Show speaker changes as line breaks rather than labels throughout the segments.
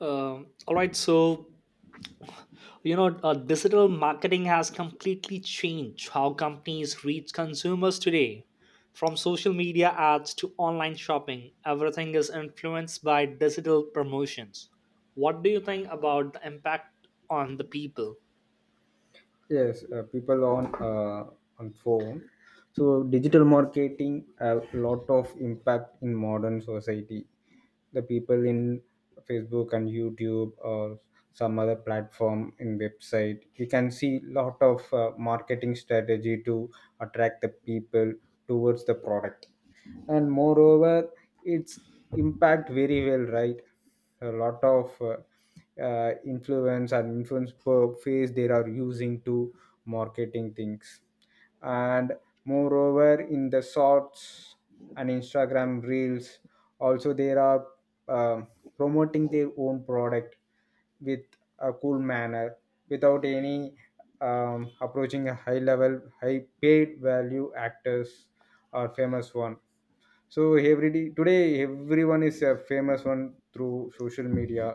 All right, so you know, Digital marketing has completely changed how companies reach consumers today. From social media ads to online shopping, everything is influenced by digital promotions. What do you think about the impact on the people?
Yes, people on phone. So digital marketing have a lot of impact in modern society. The people in Facebook and YouTube or some other platform in website, we can see lot of marketing strategy to attract the people towards the product and moreover its impact very well right a lot of influence and influence per phase they are using to marketing things and moreover in the shorts and instagram reels also they are um promoting their own product with a cool manner without any approaching a high level high paid value actors or famous one so every day, today everyone is famous on through social media.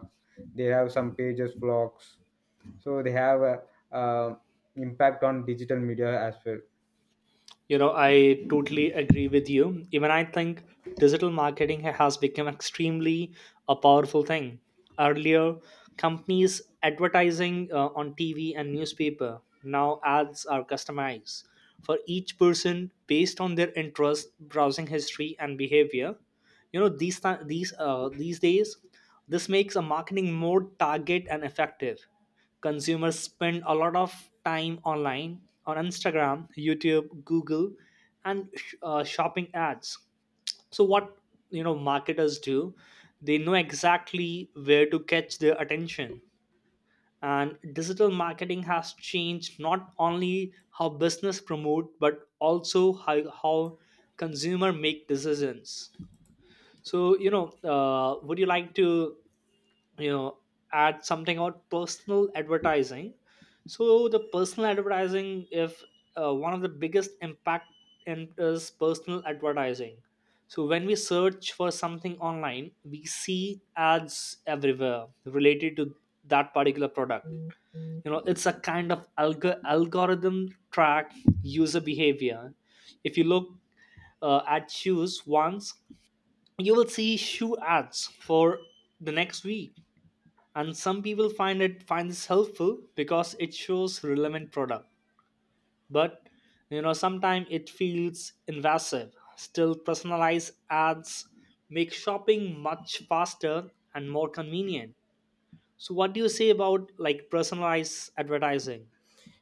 They have some pages, blogs, so they have a, uh, impact on digital media as well.
You know, I totally agree with you. Even I think digital marketing has become extremely a powerful thing. Earlier, companies advertising on TV and newspaper. Now, ads are customized for each person based on their interest, browsing history, and behavior, you know, these ti- these days this makes a marketing more target and effective. Consumers spend a lot of time online, on Instagram, YouTube, Google, and shopping ads. So what, you know, marketers do, they know exactly where to catch their attention. And digital marketing has changed not only how business promote, but also how consumer make decisions. So would you like to, you know add something about personal advertising? So the personal advertising, if one of the biggest impact in is personal advertising. So when we search for something online, we see ads everywhere related to that particular product. You know, it's a kind of algorithm track user behavior. If you look at shoes once, you will see shoe ads for the next week. And some people find this helpful because it shows relevant product. But, you know, sometimes it feels invasive. Still, personalized ads make shopping much faster and more convenient. So what do you say about like personalized advertising?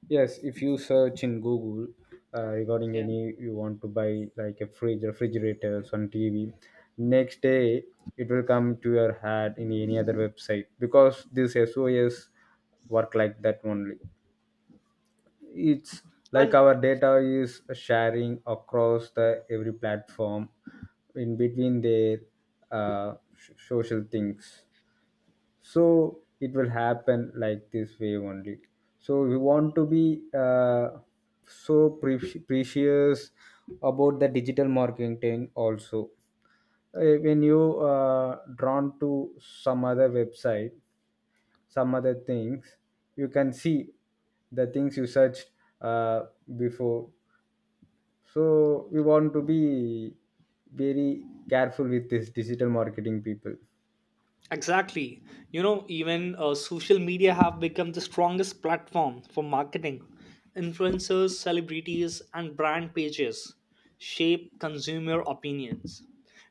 Yes, if you search in Google regarding
Yeah.
any you want to buy like a fridge, refrigerators on TV, next day it will come to your head in any other website because this SOS work like that only. It's like
And
our data is sharing across the every platform in between their social things so it will happen like this way only so we want to be so precious about the digital marketing also. When you uh, drawn to some other website some other things you can see the things you searched uh, before so we want to be very careful with this digital marketing people
exactly. You know, even social media have become the strongest platform for marketing. Influencers, celebrities, and brand pages shape consumer opinions.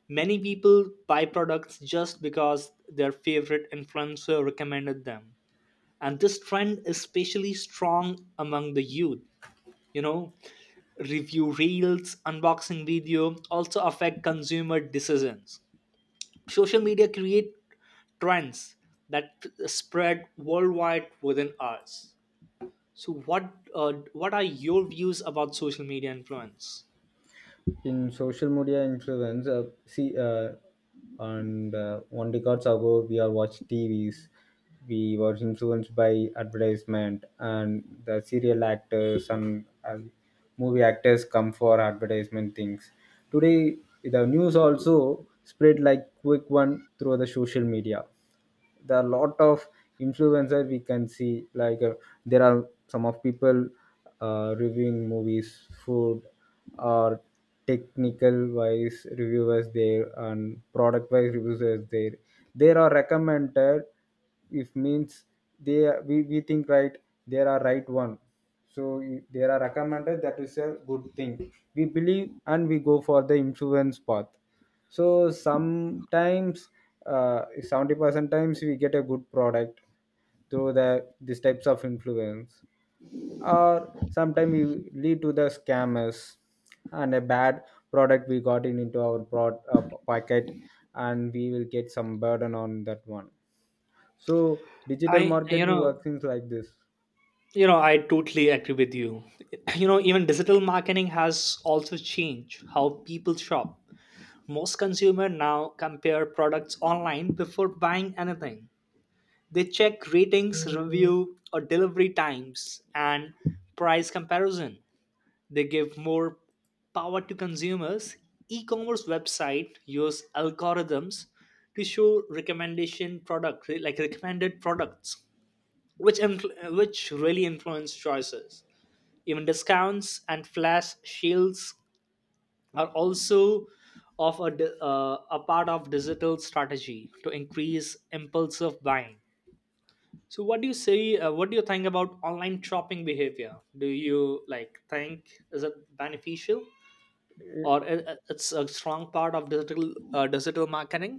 Many people buy products just because their favorite influencer recommended them. And this trend is especially strong among the youth. You know, review reels, unboxing video also affect consumer decisions. Social media create trends that spread worldwide within hours. So, what are your views about social media influence?
in social media influence see and one decades ago we are watch tvs we were influenced by advertisement and the serial actors and movie actors come for advertisement things today the news also spread like quick one through the social media there are a lot of influencer we can see like there are some of people reviewing movies food or technical wise reviewers there and product wise reviewers there there are recommended if means we think right there are right one so there are recommended that is a good thing we believe and we go for the influence path. So sometimes 70% times we get a good product through the these types of influence or sometimes we lead to the scammers and a bad product we got in into our broad packet and we will get some burden on that one so digital
I you
marketing
know
works things like this.
I totally agree with you. You know, even digital marketing has also changed how people shop. Most consumer now compare products online before buying anything. They check ratings, review or delivery times and price comparison. They give more power to consumers. E-commerce website use algorithms to show recommendation product, like recommended products, which which really influence choices. Even discounts and flash sales are also of a part of digital strategy to increase impulsive buying. So, what do you say? What do you think about online shopping behavior? Do you like think, is it beneficial? or i- it's a strong part of digital marketing.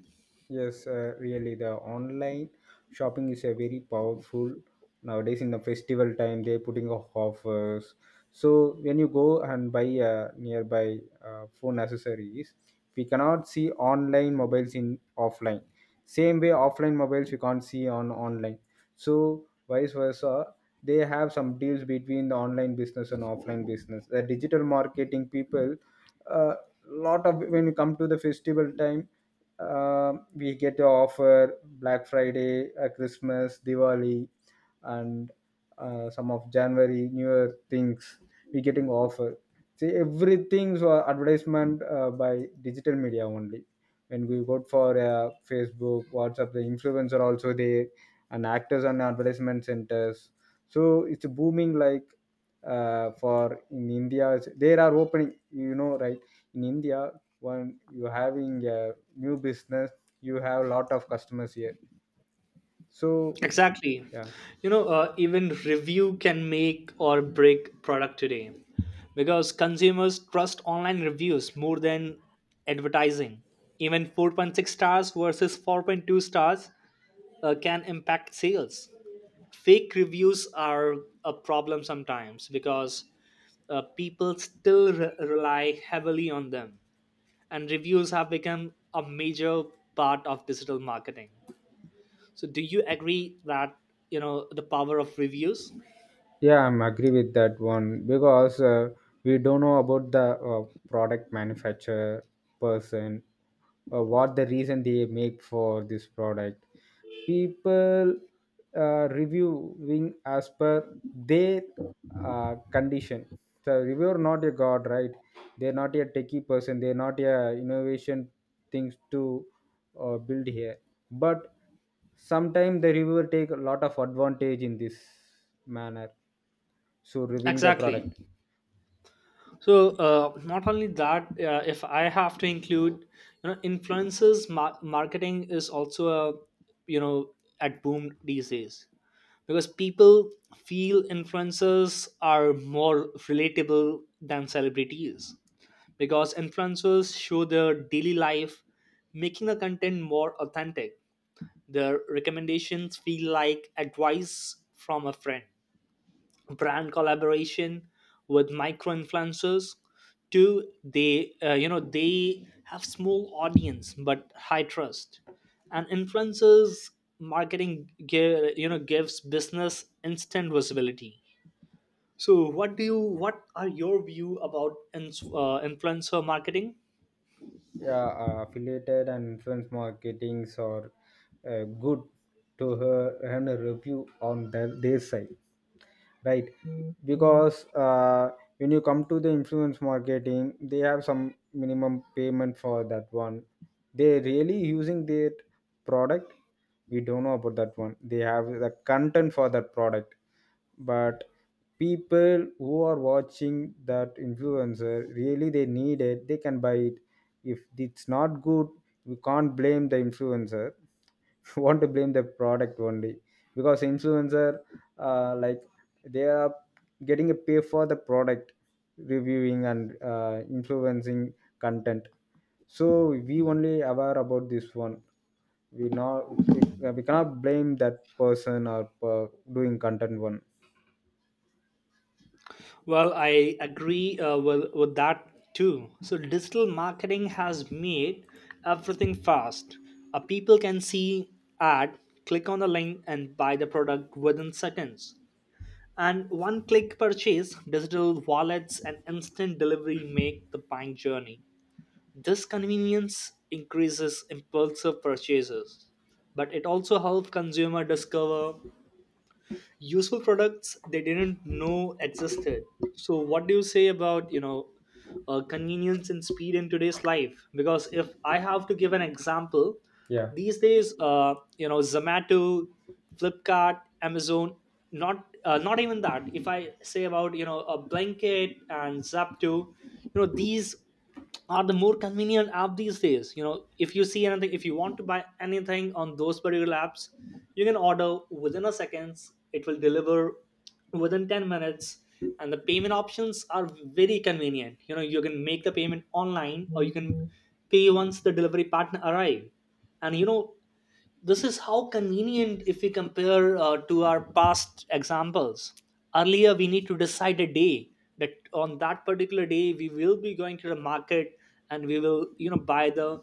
Yes, really, the online shopping is a very powerful nowadays. In the festival time, they're putting off offers. So when you go and buy nearby phone accessories, we cannot see online mobiles in offline. Same way, offline mobiles we can't see on online. So vice versa, they have some deals between the online business and offline business. The digital marketing people, a lot of when you come to the festival time we get to offer Black Friday, Christmas, Diwali, and some of January, New Year things. We getting offer. See, everything's advertisement by digital media only. When we go for Facebook, WhatsApp, the influencer also there, and actors and advertisement centers. So it's booming like for in India. There are opening, you know, right? In india when you're having a new business you have a lot of customers here so
Exactly.
yeah.
You know, even review can make or break product today, because consumers trust online reviews more than advertising. Even 4.6 stars versus 4.2 stars can impact sales. Fake reviews are a problem sometimes because, people still rely heavily on them. And reviews have become a major part of digital marketing. So do you agree that, you know, the power of reviews?
Yeah, I'm agree with that one because we don't know about the product manufacturer person what the reason they make for this product. People reviewing as per their condition. So reviewer not a god, right? They're not a techie person. They're not a innovation things to build here. But sometimes the reviewer take a lot of advantage in this manner so reviewing the
Exactly.
product,
So not only that, if I have to include, you know, influences marketing is also a, you know, at boom these days, because people feel influencers are more relatable than celebrities, because influencers show their daily life, making the content more authentic. Their recommendations feel like advice from a friend. Brand collaboration with micro influencers too. They, you know, they have small audience but high trust, and influencers marketing give, you know, gives business instant visibility. So what do you, what are your view about ins influencer marketing?
yeah, affiliated and influence marketings are good to her and a review on the, their side. Right because when you come to the influence marketing they have some minimum payment for that one they really using their product we don't know about that one they have the content for that product but people who are watching that influencer really they need it they can buy it if it's not good we can't blame the influencer. You want to blame the product only because influencer like they are getting a pay for the product reviewing and influencing content so we only aware about this one we not we, we cannot blame that person or doing content one.
Well, I agree with that too. So, digital marketing has made everything fast. People can see ad, click on the link, and buy the product within seconds. And one click purchase, digital wallets, and instant delivery make the buying journey. This convenience increases impulsive purchases, but it also helps consumer discover useful products they didn't know existed. So what do you say about, you know, convenience and speed in today's life? Because if I have to give an example,
Yeah.
these days, you know, Zomato, Flipkart, Amazon, not even that, if I say about, you know, a Blanket and Zapto, you know, these are the more convenient app these days. You know, if you see anything, if you want to buy anything on those particular apps, you can order within a seconds, it will deliver within 10 minutes. And the payment options are very convenient, you know. You can make the payment online, or you can pay once the delivery partner arrive. And, you know, this is how convenient if we compare to our past examples. Earlier, we need to decide a day that on that particular day we will be going to the market, and we will, you know, buy the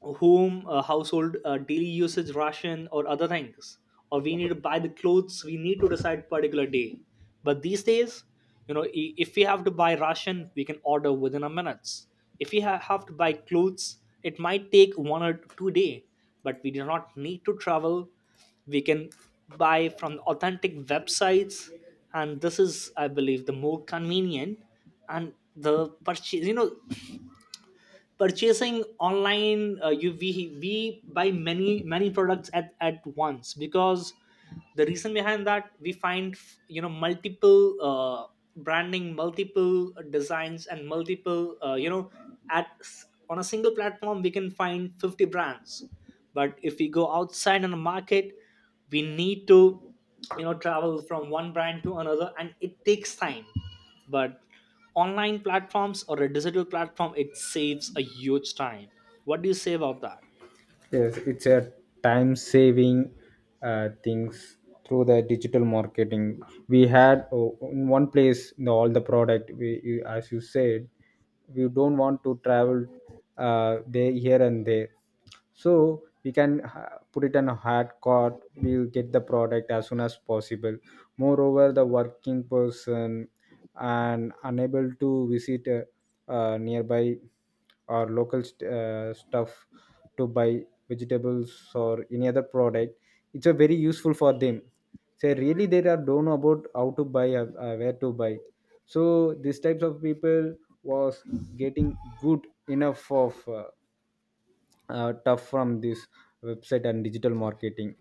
home household daily usage ration or other things. Or we need to buy the clothes, we need to decide particular day. But these days, you know, if we have to buy ration, we can order within a minutes. If we have to buy clothes, it might take 1 or 2 day. But we do not need to travel, we can buy from authentic websites. And this is, I believe, the more convenient. And the purchase, you know, purchasing online, we buy many products at once, because the reason behind that we find, you know, multiple branding, multiple designs, and multiple, at, on a single platform we can find 50 brands. But if we go outside on the market, we need to, you know, travel from one brand to another, and it takes time. But online platforms or a digital platform, it saves a huge time. What do you say about that?
Yes, it's a time saving things through the digital marketing. We had oh, in one place you know, all the product. As you said, we don't want to travel there here and there, so we can put it on a hard cart. We'll get the product as soon as possible. Moreover, the working person and unable to visit nearby or local stuff to buy vegetables or any other product it's a very useful for them so really they are don't know about how to buy or where to buy so these types of people was getting good enough of tough from this website and digital marketing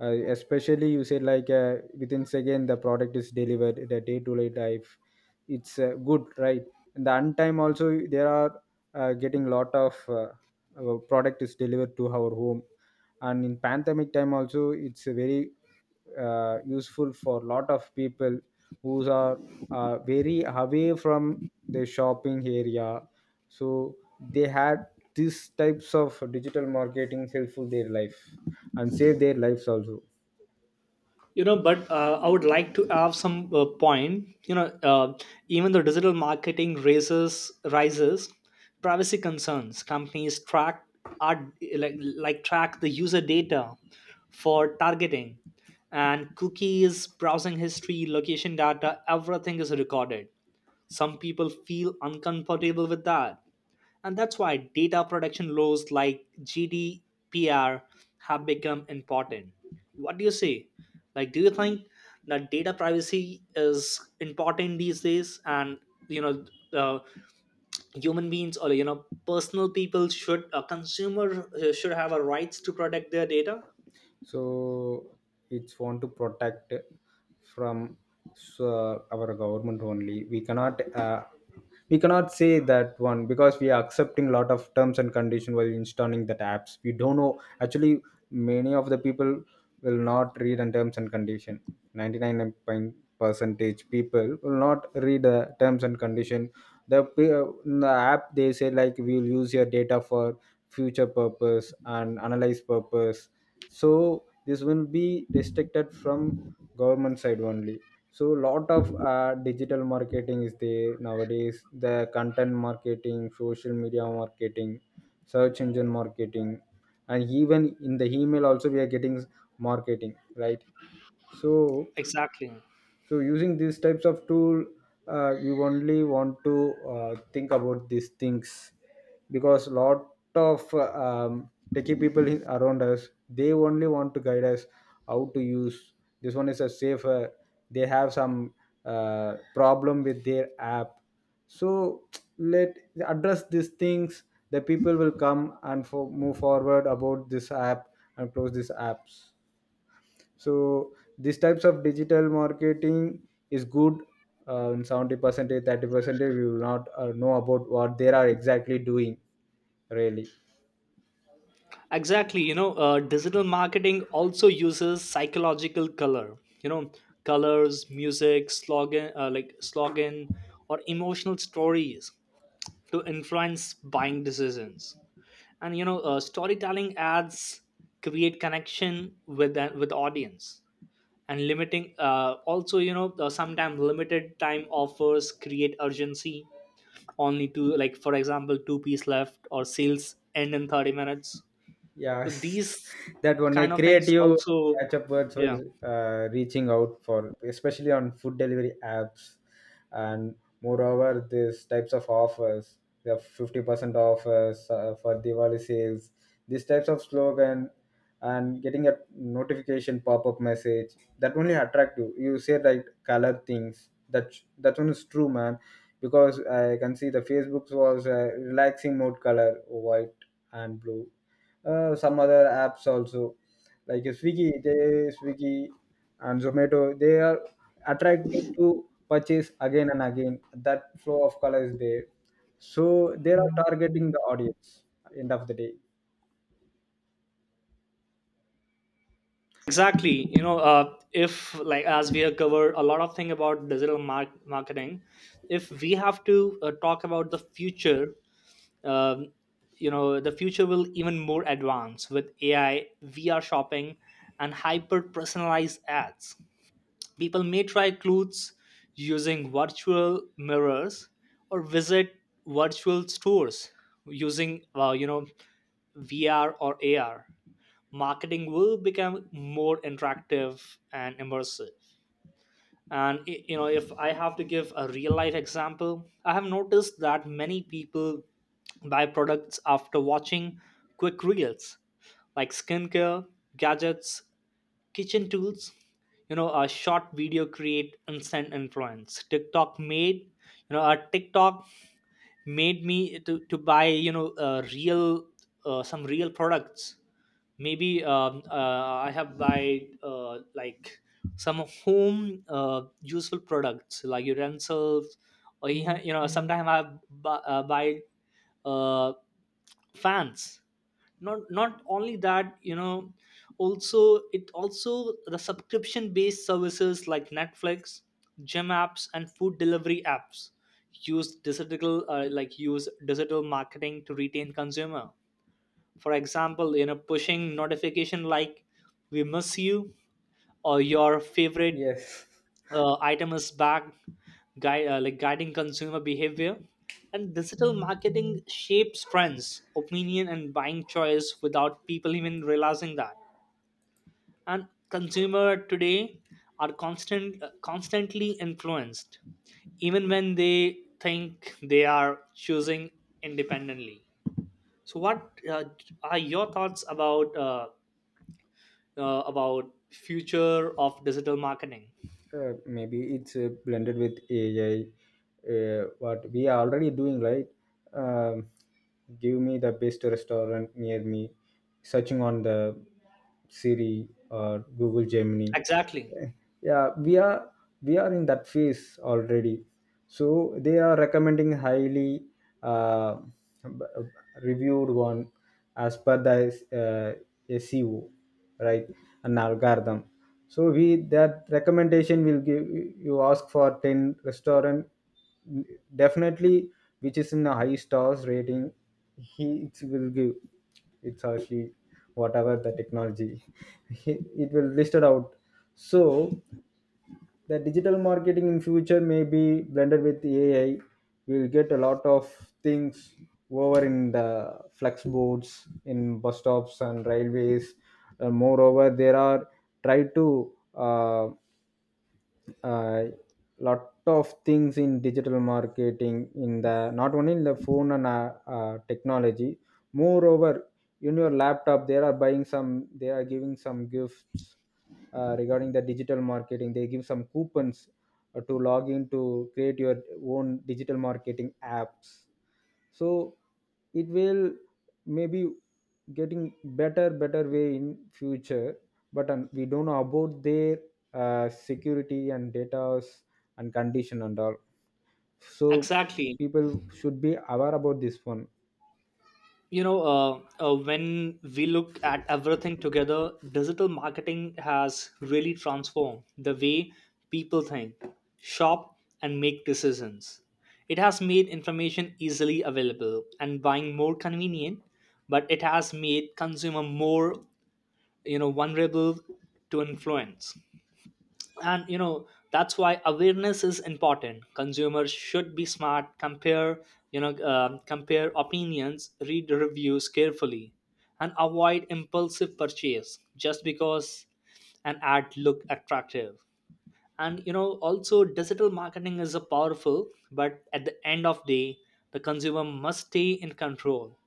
especially you said like within second the product is delivered the day to day life it's good right and the untime also there are getting lot of our product is delivered to our home and in pandemic time also it's a very useful for lot of people who are very away from the shopping area so they had these types of digital marketing helpful their life and save their lives also.
You know, but I would like to have some point, you know, even though digital marketing raises rises privacy concerns. Companies track are track the user data for targeting. And cookies, browsing history, location data, everything is recorded. Some people feel uncomfortable with that. And that's why data protection laws like GDPR have become important. What do you say? Like, do you think that data privacy is important these days? And, you know, uh, human beings or, you know, personal people should, a consumer should have a rights to protect their data?
So it's want to protect from so, our government only we cannot say that one because we are accepting a lot of terms and condition while installing that apps we don't know actually many of the people will not read on terms and condition. 99 percentage people will not read the terms and condition the, in the app they say like we'll use your data for future purpose and analyze purpose so this will be restricted from government side only so lot of digital marketing is there nowadays the content marketing social media marketing search engine marketing and even in the email also we are getting marketing right so
Exactly.
so using these types of tool you only want to think about these things because lot of techie people around us they only want to guide us how to use this one is a safer they have some problem with their app so let address these things the people will come and move forward about this app and close these apps so these types of digital marketing is good in 70% 30% we will not know about what they are exactly doing really.
Exactly. You know, digital marketing also uses psychological color. You know, colors, music, slogan, slogan, or emotional stories to influence buying decisions. And, you know, storytelling ads create connection with with the audience. And limiting, also, you know, sometimes limited time offers create urgency. Only to like, for example, two-piece left or sales end in 30 minutes.
Yeah,
So these
that one a
kind of things
creative
also.
catch-up words
Yeah,
was reaching out for, especially on food delivery apps, and moreover, these types of offers, the 50% offers for Diwali sales, these types of slogan, and getting a notification pop-up message that only attract you. You say like color things. That one is true, man, because I can see the Facebook's was relaxing mode color, white and blue some other apps also like swiggy and zomato they are attracted to purchase again and again that flow of color is there so they are targeting the audience end of the day.
exactly. You know, if like, as we have covered a lot of thing about digital marketing, if we have to talk about the future, um, you know, the future will even more advance with AI, VR shopping, and hyper personalized ads. People may try clothes using virtual mirrors, or visit virtual stores using, VR or AR. Marketing will become more interactive and immersive. And you know, if I have to give a real life example, I have noticed that many people buy products after watching quick reels, like skincare, gadgets, kitchen tools. You know, a short video create instant influence. TikTok made, you know, a TikTok made me to buy, you know, real some real products. Maybe I have buy, like, some home useful products like utensils. Or you know, sometimes I buy, uh, fans. Not only that, you know, also it also the subscription based services like Netflix, gym apps, and food delivery apps use digital, use digital marketing to retain consumer. For example, you know, pushing notification like, we miss you, or your favorite
Yes
item is back. Guide, guiding consumer behavior. And digital marketing shapes trends, opinion, and buying choice without people even realizing that. And consumer today are constantly influenced even when they think they are choosing independently. So what are your thoughts about, about future of digital marketing?
maybe it's blended with ai what we are already doing right um, give me the best restaurant near me searching on the siri or google gemini.
Exactly.
Yeah we are in that phase already so they are recommending highly uh, b- reviewed one as per the SEO, right? An algorithm. So we that recommendation will give you ask for 10 restaurant definitely which is in a high stars rating. He It will give it's actually whatever the technology it will listed out so the digital marketing in future may be blended with AI. We'll get a lot of things over in the flex boards, in bus stops and railways. Moreover, there are try to uh, lot of things in digital marketing in the not only in the phone and technology moreover in your laptop they are buying some they are giving some gifts regarding the digital marketing they give some coupons to log in to create your own digital marketing apps so it will maybe getting better way in future but we don't know about their security and data and condition and all so
Exactly.
people should be aware about this one.
You know, when we look at everything together, digital marketing has really transformed the way people think, shop, and make decisions. It has made information easily available and buying more convenient. But it has made consumer more, you know, vulnerable to influence. And you know, that's why awareness is important. Consumers should be smart, compare, you know, compare opinions, read reviews carefully, and avoid impulsive purchase just because an ad look attractive. And you know, also digital marketing is a powerful, but at the end of day, the consumer must stay in control.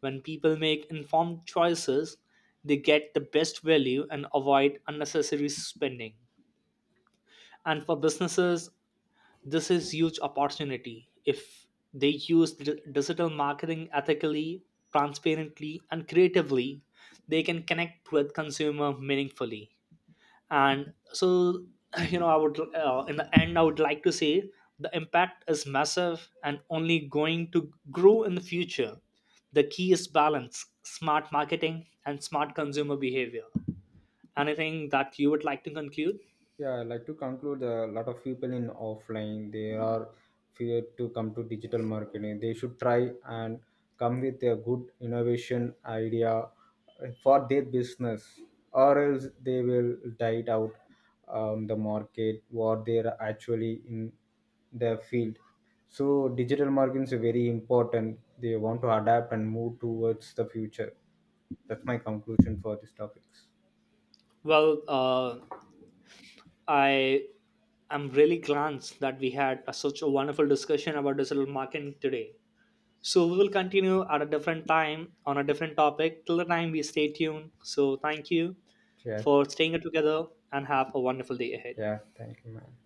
When people make informed choices, they get the best value and avoid unnecessary spending. And for businesses, this is huge opportunity. If they use digital marketing ethically, transparently, and creatively, they can connect with consumer meaningfully. And so, you know, I would, in the end, I would like to say the impact is massive and only going to grow in the future. The key is balance, smart marketing and smart consumer behavior. Anything that you would like to conclude?
Yeah, I like to conclude a lot of people in offline, they are fear to come to digital marketing. They should try and come with a good innovation idea for their business, or else they will die it out the market what they're actually in the field. So digital marketing is very important. They want to adapt and move towards the future. That's my conclusion for these topics.
Well, I am really glad that we had a, such a wonderful discussion about digital marketing today. So we will continue at a different time on a different topic. Till the time, we stay tuned. So thank you
Yeah,
for staying together and have a wonderful day ahead.
yeah, thank you, man.